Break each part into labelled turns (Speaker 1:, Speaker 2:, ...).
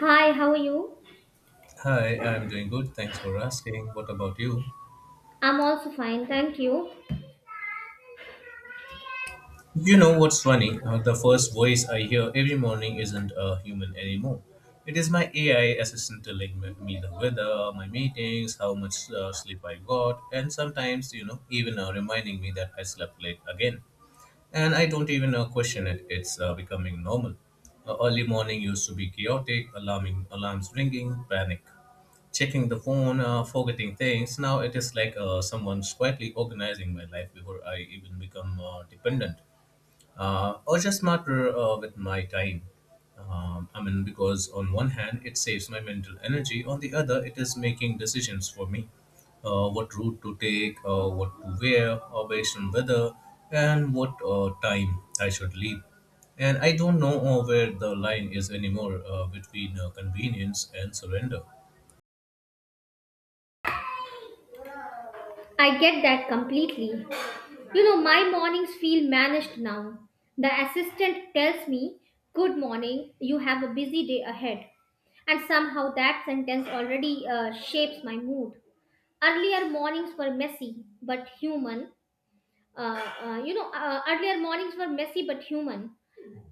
Speaker 1: Hi, how are you?
Speaker 2: Hi, I'm doing good. Thanks for asking. What about you?
Speaker 1: I'm also fine, thank you.
Speaker 2: You know what's funny? The first voice I hear every morning isn't a human anymore. It is my AI assistant telling me the weather, my meetings, how much sleep I got, and sometimes, even reminding me that I slept late again. And I don't even question it. It's becoming normal. Early morning used to be chaotic, alarming alarms ringing, panic, checking the phone, forgetting things. Now it is like someone's quietly organizing my life before I even become dependent or just smarter with my time. I mean, because on one hand, it saves my mental energy, on the other, it is making decisions for me, what route to take, what to wear, based on weather, and what time I should leave. And I don't know where the line is anymore, between convenience and surrender.
Speaker 1: I get that completely. You know, my mornings feel managed now. The assistant tells me, good morning, you have a busy day ahead. And somehow that sentence already shapes my mood. Earlier mornings were messy but human. Earlier mornings were messy but human.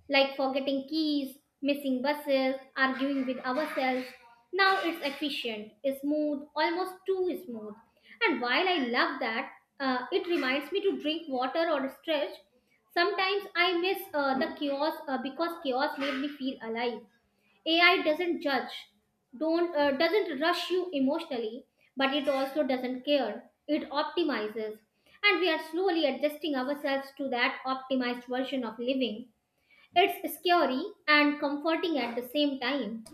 Speaker 1: Like forgetting keys, missing buses, arguing with ourselves. Now it's efficient, smooth, almost too smooth. And while I love that, it reminds me to drink water or stretch. Sometimes I miss the chaos because chaos made me feel alive. AI doesn't judge, don't doesn't rush you emotionally, but it also doesn't care. It optimizes, and we are slowly adjusting ourselves to that optimized version of living. It's scary and comforting at the same time.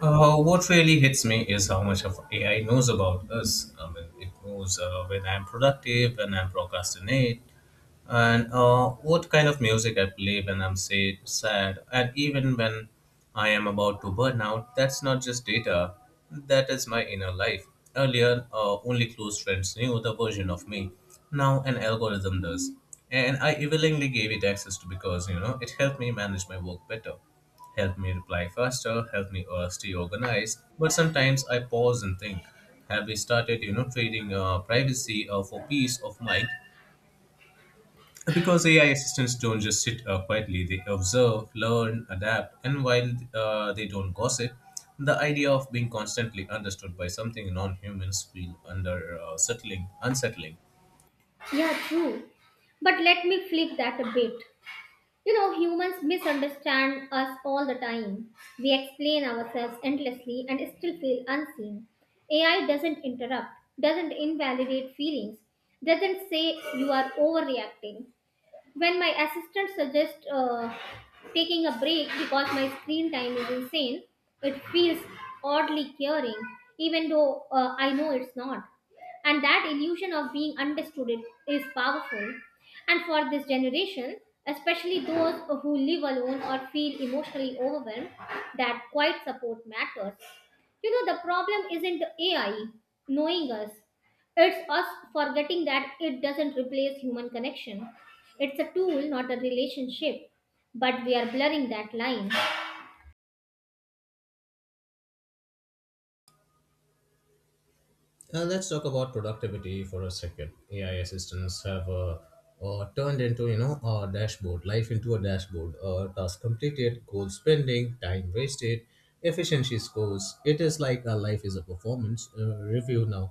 Speaker 2: What really hits me is how much of AI knows about us. I mean, it knows when I'm productive, when I'm procrastinate, and what kind of music I play when I'm, say, sad, and even when I am about to burn out. That's not just data, that is my inner life. Earlier, only close friends knew the version of me. Now, an algorithm does. And I willingly gave it access to because, you know, it helped me manage my work better, helped me reply faster, helped me stay organized. But sometimes I pause and think, have we started, you know, trading privacy for peace of mind? Because AI assistants don't just sit quietly, they observe, learn, adapt, and while they don't gossip, the idea of being constantly understood by something non-humans feel unsettling.
Speaker 1: Yeah, true. But let me flip that a bit. You know, humans misunderstand us all the time. We explain ourselves endlessly and still feel unseen. AI doesn't interrupt, doesn't invalidate feelings, doesn't say you are overreacting. When my assistant suggests taking a break because my screen time is insane, it feels oddly caring, even though I know it's not. And that illusion of being understood is powerful. And for this generation, especially those who live alone or feel emotionally overwhelmed, that quiet support matters. You know, the problem isn't AI knowing us, it's us forgetting that it doesn't replace human connection. It's a tool, not a relationship. But we are blurring that line.
Speaker 2: Let's talk about productivity for a second. AI assistants have turned into, you know, a dashboard, life into a dashboard. Task completed, goal spending, time wasted, efficiency scores. It is like our life is a performance review now.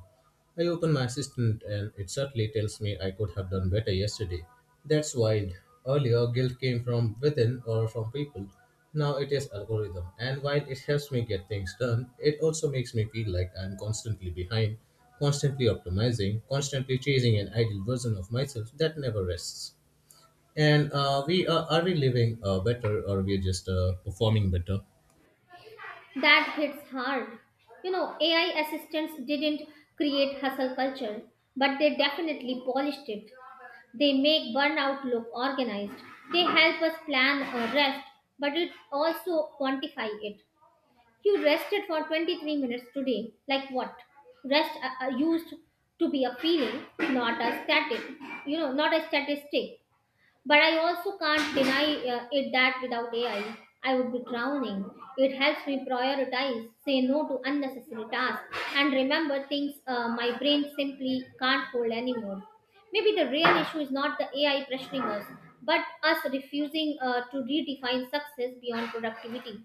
Speaker 2: I open my assistant and it certainly tells me I could have done better yesterday. That's wild. Earlier, guilt came from within or from people. Now it is algorithm. And while it helps me get things done, it also makes me feel like I'm constantly behind, constantly optimizing, constantly chasing an ideal version of myself that never rests. And are we living better, or we are just performing better?
Speaker 1: That hits hard. You know, AI assistants didn't create hustle culture, but they definitely polished it. They make burnout look organized. They help us plan a rest, but it also quantify it. You rested for 23 minutes today. Like what? Rest used to be a feeling, not a static, you know, not a statistic. But I also can't deny it that without AI, I would be drowning. It helps me prioritize, say no to unnecessary tasks, and remember things my brain simply can't hold anymore. Maybe the real issue is not the AI pressuring us, but us refusing to redefine success beyond productivity.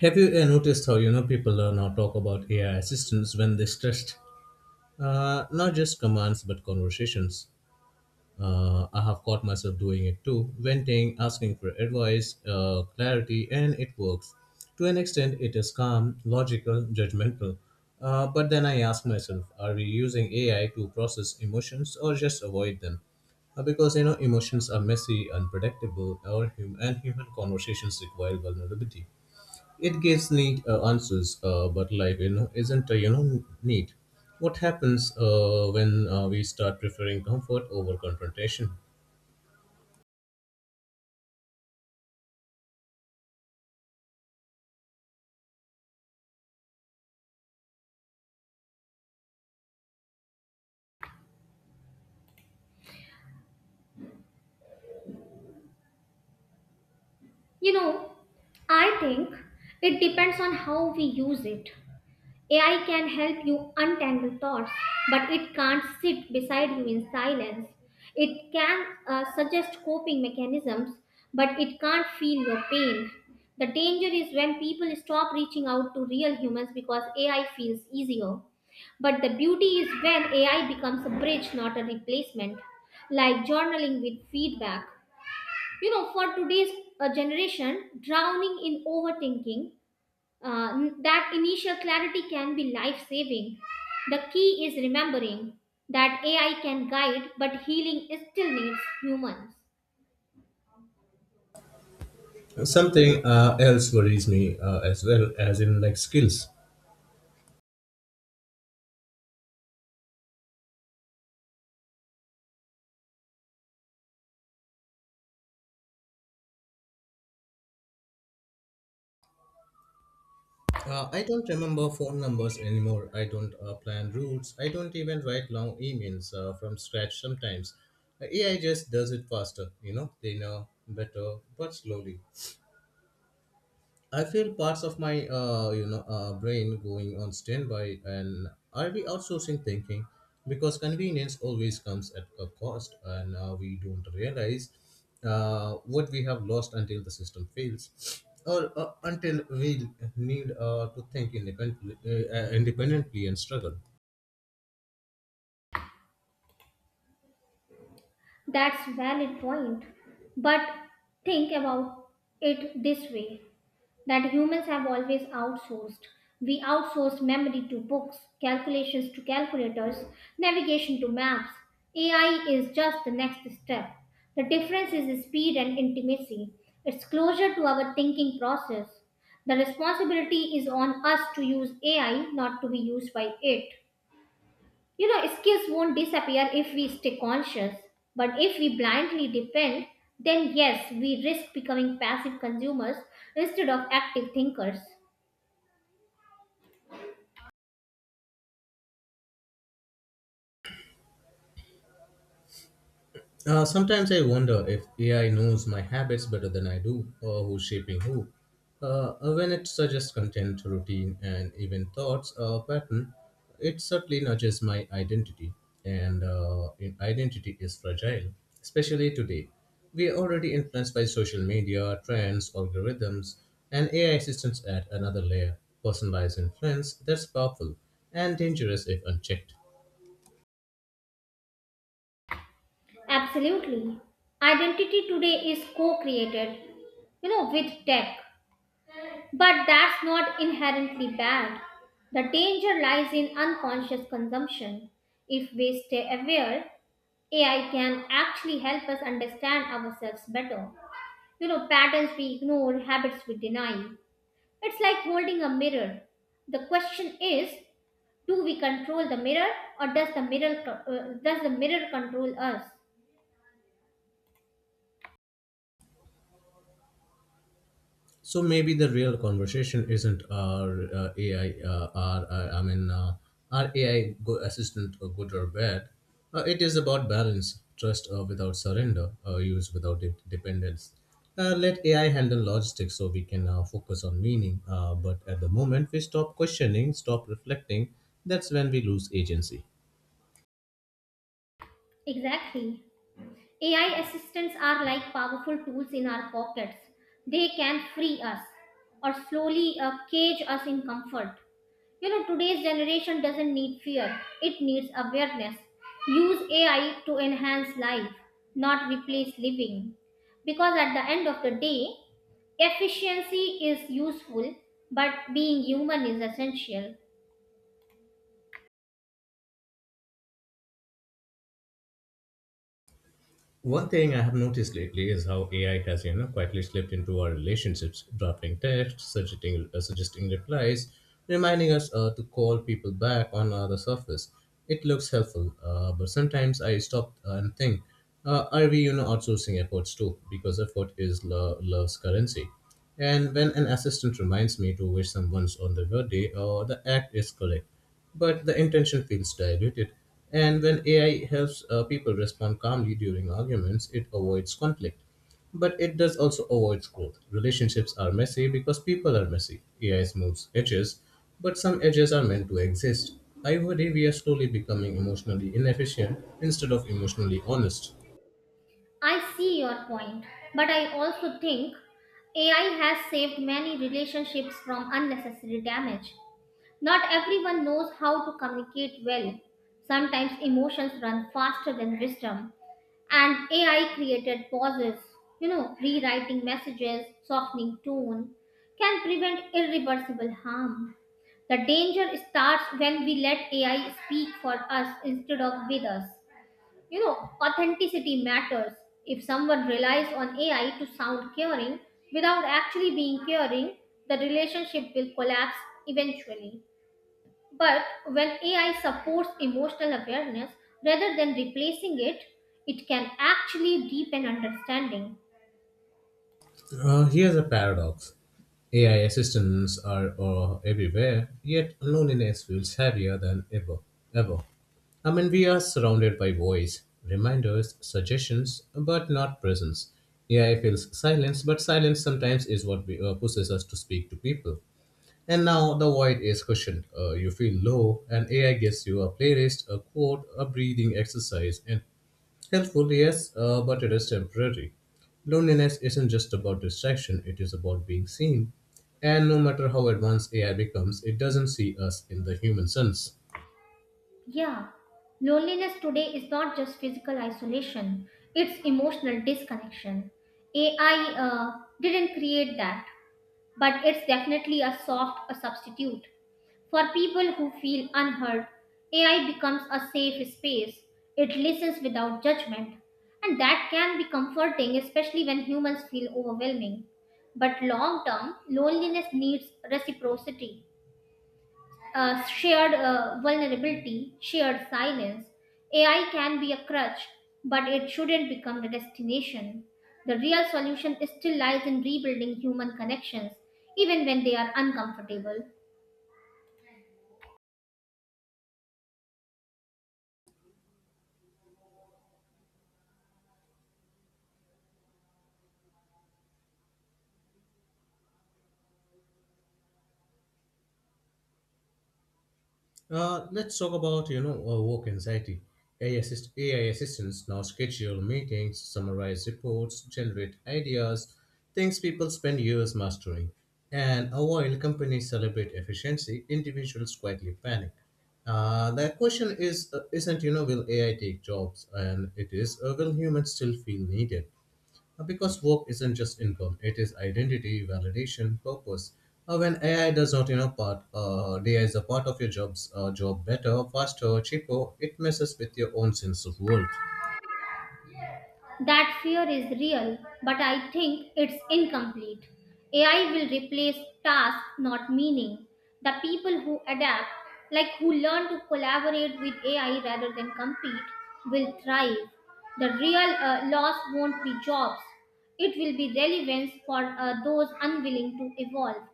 Speaker 2: Have you noticed how, you know, people now talk about AI assistants when they're stressed? Not just commands, but conversations. I have caught myself doing it too, venting, asking for advice, clarity, and it works. To an extent, it is calm, logical, judgmental. But then I ask myself, are we using AI to process emotions or just avoid them? Because, you know, emotions are messy, unpredictable, or and human conversations require vulnerability. It gives neat answers, but life, you know, isn't neat. What happens when we start preferring comfort over confrontation?
Speaker 1: You know, I think it depends on how we use it. AI can help you untangle thoughts, but it can't sit beside you in silence. It can suggest coping mechanisms, but it can't feel your pain. The danger is when people stop reaching out to real humans because AI feels easier. But the beauty is when AI becomes a bridge, not a replacement, like journaling with feedback, you know, for today's generation drowning in overthinking. That initial clarity can be life saving. The key is remembering that AI can guide, but healing still needs humans.
Speaker 2: Something else worries me as well, as in like skills. I don't remember phone numbers anymore. I don't plan routes. I don't even write long emails from scratch sometimes. AI just does it faster, you know, they know better, but slowly. I feel parts of my brain going on standby and I'll be outsourcing thinking, because convenience always comes at a cost and we don't realize what we have lost until the system fails or until we need to think independently, and struggle.
Speaker 1: That's valid point, but think about it this way, that humans have always outsourced. We outsource memory to books, calculations to calculators, navigation to maps. AI is just the next step. The difference is speed and intimacy. It's closer to our thinking process. The responsibility is on us to use AI, not to be used by it. You know, skills won't disappear if we stay conscious, but if we blindly depend, then yes, we risk becoming passive consumers instead of active thinkers.
Speaker 2: Sometimes I wonder if AI knows my habits better than I do, or who's shaping who. When it suggests content, routine, and even thoughts or pattern, it certainly nudges my identity, and identity is fragile, especially today. We are already influenced by social media, trends, algorithms, and AI assistants add another layer. Personalized influence that's powerful and dangerous if unchecked.
Speaker 1: Absolutely. Identity today is co created, you know, with tech, but that's not inherently bad. The danger lies in unconscious consumption. If we stay aware, AI can actually help us understand ourselves better. You know, patterns we ignore, habits we deny. It's like holding a mirror. The question is, do we control the mirror, or does the mirror does the mirror control us?
Speaker 2: So maybe the real conversation isn't our AI, our I mean, our AI go- assistant, good or bad. It is about balance, trust without surrender, use without dependence. Let AI handle logistics so we can focus on meaning. But at the moment we stop questioning, stop reflecting, that's when we lose agency.
Speaker 1: Exactly. AI assistants are like powerful tools in our pockets. They can free us or slowly cage us in comfort. You know, today's generation doesn't need fear. It needs awareness. Use AI to enhance life, not replace living, because at the end of the day efficiency is useful, but being human is essential.
Speaker 2: One thing I have noticed lately is how AI has, you know, quietly slipped into our relationships, drafting texts, suggesting replies, reminding us to call people back on the surface. It looks helpful, but sometimes I stop and think, are we, you know, outsourcing efforts too? Because effort is love's currency. And when an assistant reminds me to wish someone's on their birthday, or the act is correct, but the intention feels diluted. And when AI helps people respond calmly during arguments, it avoids conflict. But it does also avoid growth. Relationships are messy because people are messy. AI smooths edges, but some edges are meant to exist. I worry we are slowly becoming emotionally inefficient instead of emotionally honest.
Speaker 1: I see your point, but I also think AI has saved many relationships from unnecessary damage. Not everyone knows how to communicate well. Sometimes emotions run faster than wisdom. And AI created pauses, you know, rewriting messages, softening tone, can prevent irreversible harm. The danger starts when we let AI speak for us instead of with us. You know, authenticity matters. If someone relies on AI to sound caring without actually being caring, the relationship will collapse eventually. But when AI supports emotional awareness rather than replacing it, it can actually deepen understanding.
Speaker 2: Here's a paradox. AI assistants are everywhere, yet loneliness feels heavier than ever. Ever. I mean, we are surrounded by voice, reminders, suggestions, but not presence. AI feels silence, but silence sometimes is what pushes us to speak to people. And now the void is cushioned. You feel low, and AI gives you a playlist, a quote, a breathing exercise, and helpful, yes, but it is temporary. Loneliness isn't just about distraction, it is about being seen. And no matter how advanced AI becomes, it doesn't see us in the human sense.
Speaker 1: Yeah, loneliness today is not just physical isolation, it's emotional disconnection. AI didn't create that, but it's definitely a soft a substitute. For people who feel unheard, AI becomes a safe space. It listens without judgment. And that can be comforting, especially when humans feel overwhelming. But long term, loneliness needs reciprocity, shared vulnerability, shared silence. AI can be a crutch, but it shouldn't become the destination. The real solution still lies in rebuilding human connections, even when they are uncomfortable.
Speaker 2: Let's talk about, you know, work anxiety. AI assistants now schedule meetings, summarize reports, generate ideas, things people spend years mastering. And while companies celebrate efficiency, individuals quietly panic. The question is, isn't, you know, will AI take jobs, and it is, will humans still feel needed? Because work isn't just income, it is identity, validation, purpose. When AI does not, you know, part, AI is a part of your job better, faster, cheaper, it messes with your own sense of worth.
Speaker 1: That fear is real, but I think it's incomplete. AI will replace tasks, not meaning. The people who adapt, like who learn to collaborate with AI rather than compete, will thrive. The real loss won't be jobs, it will be relevance for those unwilling to evolve.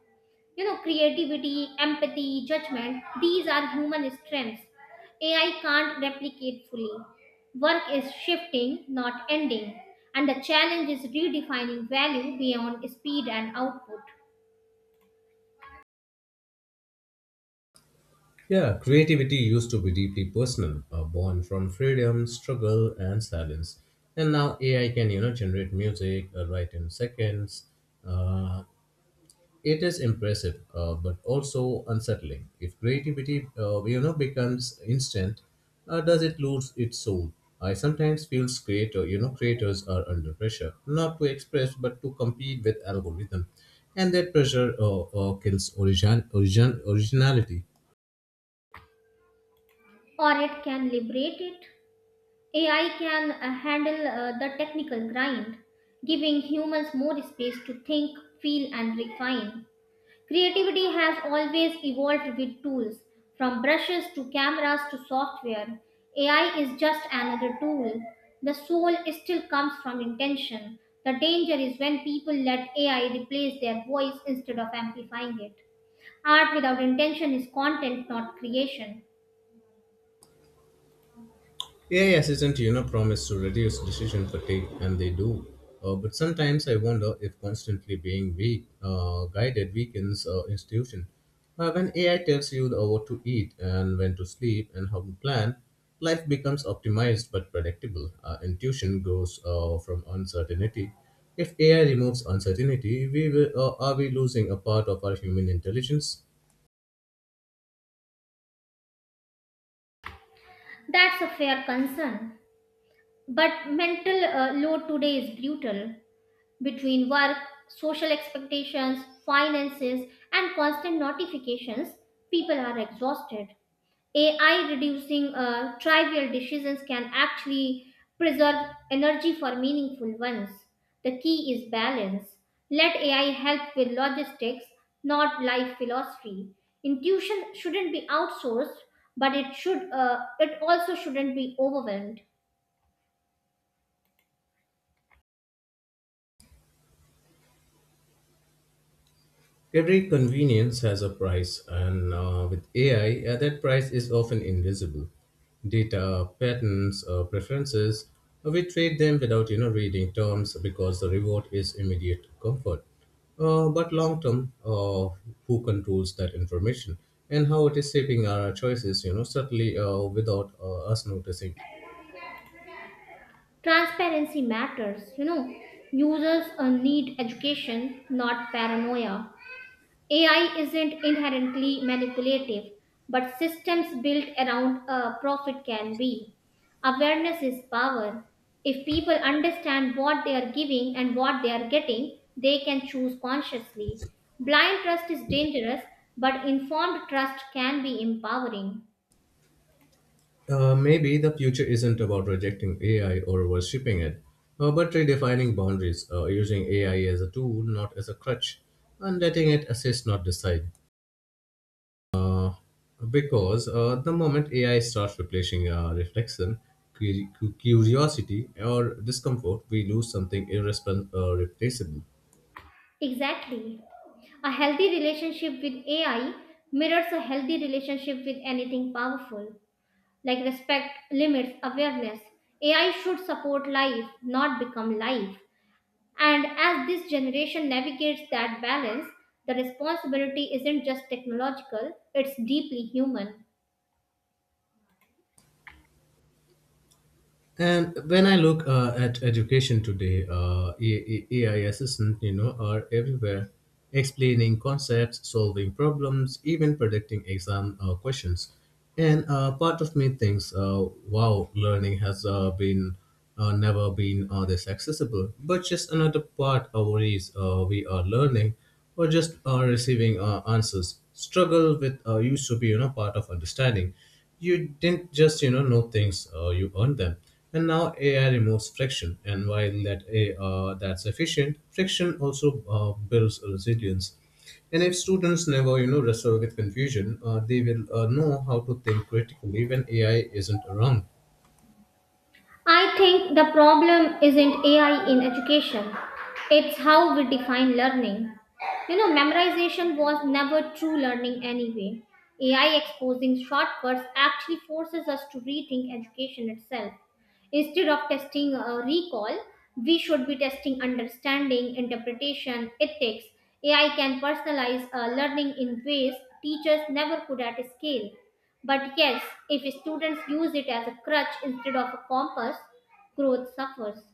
Speaker 1: You know, creativity, empathy, judgment, these are human strengths. AI can't replicate fully. Work is shifting, not ending, and the challenge is redefining value beyond speed and output.
Speaker 2: Yeah, creativity used to be deeply personal, born from freedom, struggle, and silence. And now AI can, you know, generate music, write in seconds. Uh, it is impressive, but also unsettling. If creativity, you know, becomes instant, does it lose its soul? I sometimes feel creators are under pressure not to express but to compete with algorithm, and that pressure kills originality.
Speaker 1: Or it can liberate it. AI can handle the technical grind, giving humans more space to think, feel, and refine. Creativity has always evolved with tools, from brushes to cameras to software. AI is just another tool. The soul still comes from intention. The danger is when people let AI replace their voice instead of amplifying it. Art without intention is content, not creation.
Speaker 2: AI assistant, you know, promise to reduce decision fatigue, and they do. But sometimes I wonder if constantly being guided weakens institution. When AI tells you what to eat and when to sleep and how to plan, life becomes optimized but predictable. Intuition grows from uncertainty. If AI removes uncertainty, are we losing a part of our human intelligence?
Speaker 1: That's a fair concern. But mental load today is brutal. Between work, social expectations, finances, and constant notifications, people are exhausted. AI reducing trivial decisions can actually preserve energy for meaningful ones. The key is balance. Let AI help with logistics, not life philosophy. Intuition shouldn't be outsourced, but it should. It also shouldn't be overwhelmed.
Speaker 2: Every convenience has a price, and with AI, that price is often invisible. Data, patterns, preferences, we trade them without, you know, reading terms because the reward is immediate comfort. But long term, who controls that information and how it is shaping our choices, you know, subtly without us noticing.
Speaker 1: Transparency matters, you know. Users need education, not paranoia. AI isn't inherently manipulative, but systems built around a profit can be. Awareness is power. If people understand what they are giving and what they are getting, they can choose consciously. Blind trust is dangerous, but informed trust can be empowering.
Speaker 2: Maybe the future isn't about rejecting AI or worshipping it, but redefining boundaries, using AI as a tool, not as a crutch, and letting it assist, not decide. Because the moment AI starts replacing reflection, curiosity, or discomfort, we lose something irreplaceable.
Speaker 1: Exactly. A healthy relationship with AI mirrors a healthy relationship with anything powerful, like respect, limits, awareness. AI should support life, not become life. And as this generation navigates that balance, the responsibility isn't just technological, it's deeply human.
Speaker 2: And when I look at education today, AI assistants, you know, are everywhere, explaining concepts, solving problems, even predicting exam questions. And part of me thinks, wow, learning has been never been this accessible. But just another part of worries we are learning or just receiving answers. Struggle with used to be, you know, part of understanding. You didn't just, you know things, you earned them. And now AI removes friction, and while that's efficient, friction also builds resilience. And if students never, you know, wrestle with confusion, they will know how to think critically when AI isn't around.
Speaker 1: I think the problem isn't AI in education, it's how we define learning. You know, memorization was never true learning anyway. AI exposing shortcuts actually forces us to rethink education itself. Instead of testing a recall, we should be testing understanding, interpretation, ethics. AI can personalize learning in ways teachers never could at scale. But yes, if students use it as a crutch instead of a compass, growth suffers.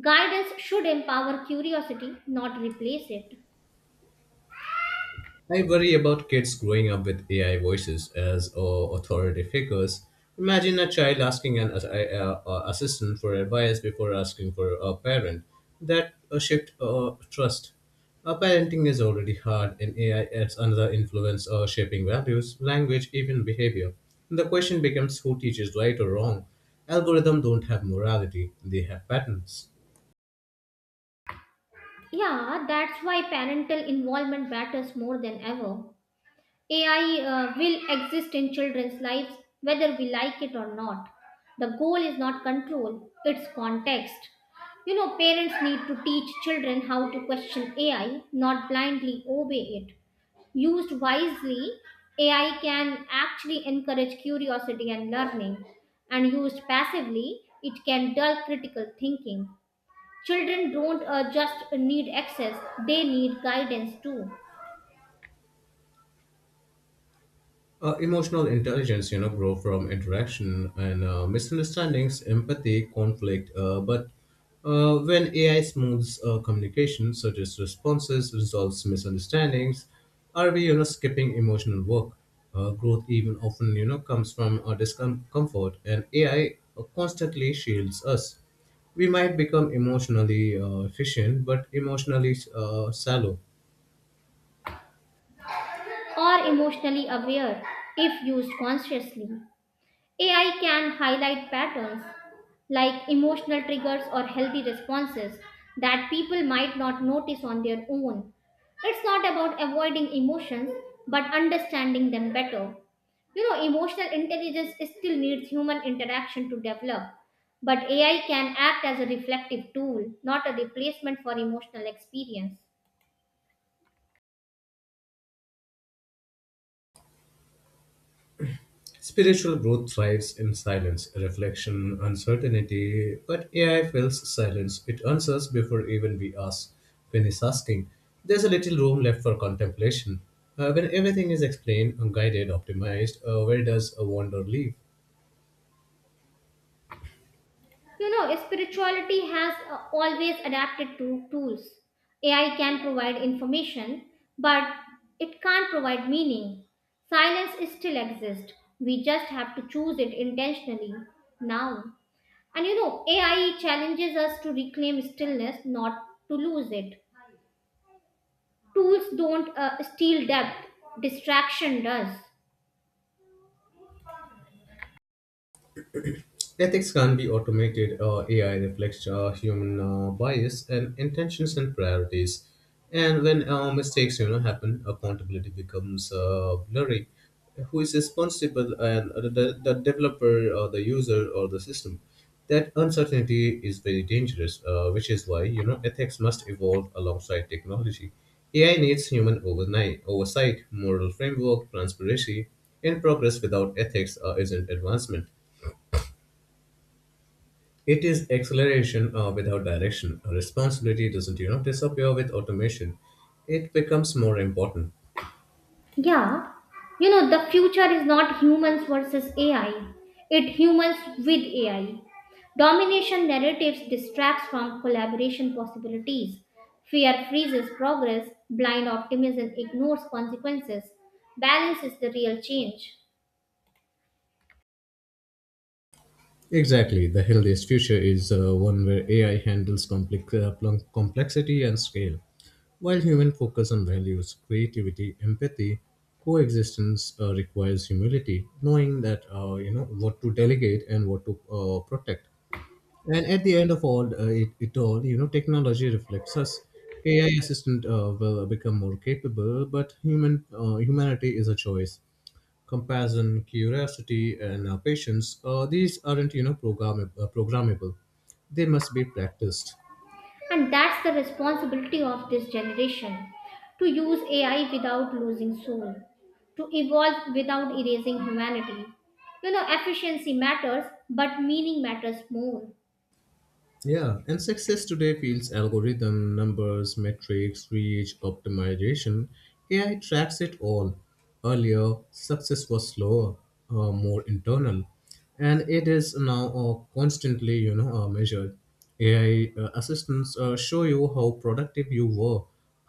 Speaker 1: Guidance should empower curiosity, not replace it.
Speaker 2: I worry about kids growing up with AI voices as authority figures. Imagine a child asking an assistant for advice before asking for a parent. That shift trust. Parenting is already hard, and AI adds another influence, shaping values, language, even behavior. The question becomes who teaches right or wrong. Algorithms don't have morality; they have patterns.
Speaker 1: Yeah, that's why parental involvement matters more than ever. AI will exist in children's lives whether we like it or not. The goal is not control, it's context. You know, parents need to teach children how to question AI, not blindly obey it. Used wisely, AI can actually encourage curiosity and learning, and used passively, it can dull critical thinking. Children don't just need access, they need guidance too,
Speaker 2: Emotional intelligence, you know, grow from interaction and misunderstandings, empathy, conflict. But when AI smooths communication, such as responses, resolves misunderstandings, are we, you know, skipping emotional work? Growth even often, you know, comes from our discomfort, and AI constantly shields us. We might become emotionally efficient, but emotionally shallow.
Speaker 1: or emotionally aware if used consciously. AI can highlight patterns like emotional triggers or healthy responses that people might not notice on their own. It's not about avoiding emotions, but understanding them better. You know, emotional intelligence still needs human interaction to develop, but AI can act as a reflective tool, not a replacement for emotional experience.
Speaker 2: Spiritual growth thrives in silence, reflection, uncertainty, but AI fills silence. It answers before even we ask. Finish asking. There's a little room left for contemplation. When everything is explained, guided, optimized, where does a wonder leave?
Speaker 1: You know, spirituality has always adapted to tools. AI can provide information, but it can't provide meaning. Silence still exists. We just have to choose it intentionally now. And you know, AI challenges us to reclaim stillness, not to lose it. Tools don't steal depth, distraction does.
Speaker 2: Ethics can be automated. AI reflects human bias and intentions and priorities. And when, mistakes, you know, happen, accountability becomes blurry. Who is responsible? And the developer, or the user, or the system? That uncertainty is very dangerous, which is why, you know, ethics must evolve alongside technology. AI needs human overnight oversight, moral framework, transparency. In progress without ethics isn't advancement. It is acceleration without direction. Responsibility doesn't, you know, disappear with automation. It becomes more important.
Speaker 1: Yeah, you know, the future is not humans versus AI, it humans with AI. Domination narratives distracts from collaboration possibilities. Fear freezes progress, blind optimism ignores consequences. Balance is the real change.
Speaker 2: Exactly. The healthiest future is one where AI handles complexity and scale, while human focus on values, creativity, empathy, coexistence requires humility, knowing that, you know, what to delegate and what to protect. And at the end of all, it all, you know, technology reflects us. AI assistant will become more capable, but humanity is a choice. Compassion, curiosity, and patience. These aren't, you know, programmable. They must be practiced.
Speaker 1: And that's the responsibility of this generation to use AI without losing soul, to evolve without erasing humanity. You know, efficiency matters, but meaning matters more.
Speaker 2: Yeah, and success today feels algorithm, numbers, metrics, reach, optimization. AI tracks it all. Earlier, success was slower, more internal, and it is now, constantly, you know, measured. AI assistants show you how productive you were,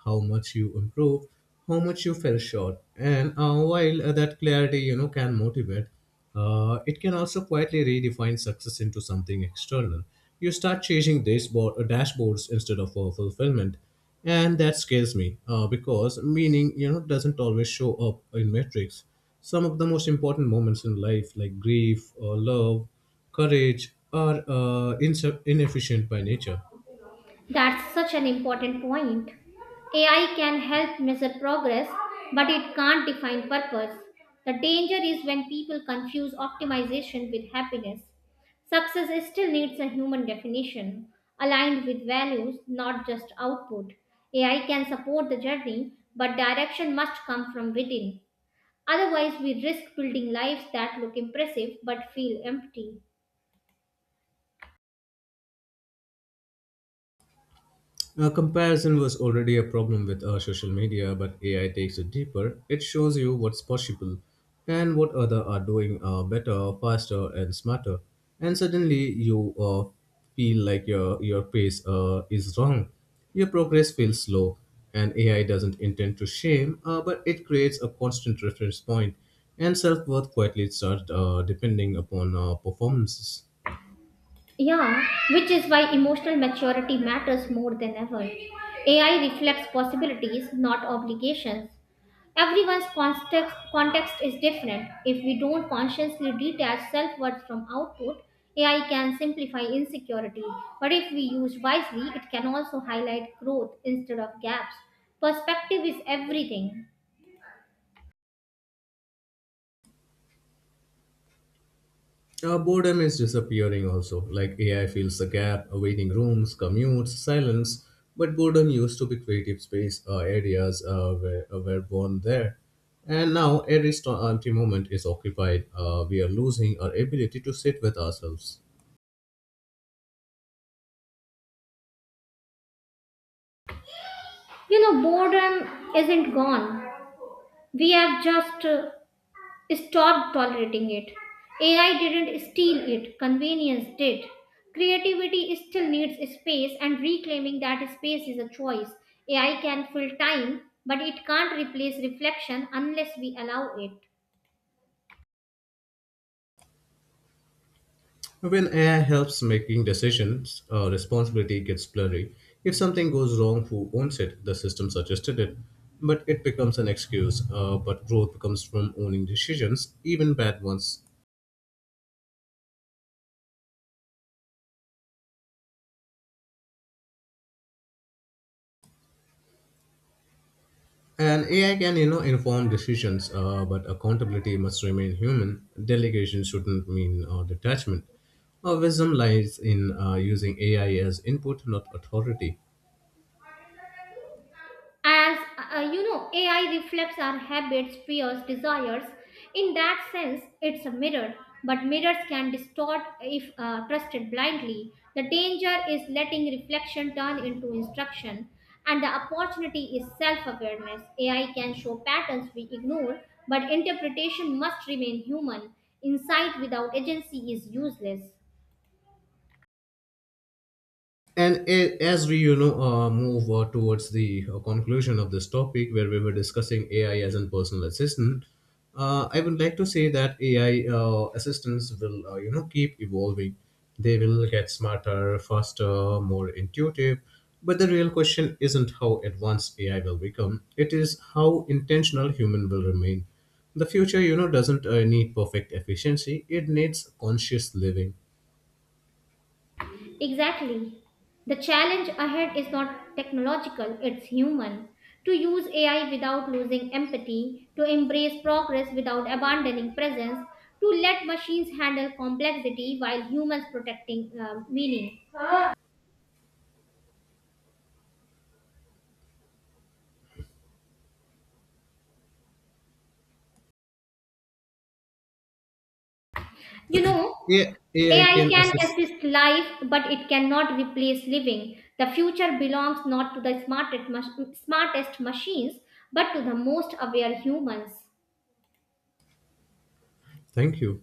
Speaker 2: how much you improved, how much you fell short. And while that clarity, you know, can motivate, it can also quietly redefine success into something external. You start chasing dashboards instead of fulfillment, and that scares me, because meaning, you know, doesn't always show up in metrics. Some of the most important moments in life, like grief or love, courage, are inefficient by nature.
Speaker 1: That's such an important point. AI can help measure progress, but it can't define purpose. The danger is when people confuse optimization with happiness. Success still needs a human definition, aligned with values, not just output. AI can support the journey, but direction must come from within. Otherwise, we risk building lives that look impressive but feel empty.
Speaker 2: Comparison was already a problem with social media, but AI takes it deeper. It shows you what's possible and what other are doing, better, faster, and smarter. And suddenly you feel like your pace is wrong. Your progress feels slow, and AI doesn't intend to shame, but it creates a constant reference point, and self worth quietly starts depending upon performances.
Speaker 1: Yeah, which is why emotional maturity matters more than ever. AI reflects possibilities, not obligations. Everyone's context is different. If we don't consciously detach self worth from output, AI can simplify insecurity. But if we use wisely, it can also highlight growth instead of gaps. Perspective is everything.
Speaker 2: Boredom is disappearing also. Like AI fills the gap, waiting rooms, commutes, silence. But boredom used to be creative space, were born there. And now every empty moment is occupied. We are losing our ability to sit with ourselves.
Speaker 1: You know, boredom isn't gone. We have just Stop tolerating it. AI didn't steal it, convenience did. Creativity still needs space, and reclaiming that space is a choice. AI can fill time, but it can't replace reflection unless we allow it.
Speaker 2: When AI helps making decisions, responsibility gets blurry. If something goes wrong, who owns it? The system suggested it. But it becomes an excuse. But growth comes from owning decisions, even bad ones. And AI can, you know, inform decisions, but accountability must remain human. Delegation shouldn't mean detachment. Our wisdom lies in using AI as input, not authority.
Speaker 1: As You know, AI reflects our habits, fears, desires. In that sense, it's a mirror, but mirrors can distort if trusted blindly. The danger is letting reflection turn into instruction, and the opportunity is self-awareness. AI can show patterns we ignore, but interpretation must remain human. Insight without agency is useless.
Speaker 2: And as we, you know, move towards the conclusion of this topic, where we were discussing AI as a personal assistant, I would like to say that AI assistants will, you know, keep evolving. They will get smarter, faster, more intuitive. But the real question isn't how advanced AI will become; it is how intentional human will remain. The future, you know, doesn't need perfect efficiency; it needs conscious living.
Speaker 1: Exactly. The challenge ahead is not technological, it's human. To use AI without losing empathy, to embrace progress without abandoning presence, to let machines handle complexity while humans protecting meaning. You know,
Speaker 2: Yeah, AI
Speaker 1: AI
Speaker 2: can
Speaker 1: can
Speaker 2: assist.
Speaker 1: assist life, but it cannot replace living. The future belongs not to the smartest, smartest machines, but to the most aware humans.
Speaker 2: Thank you.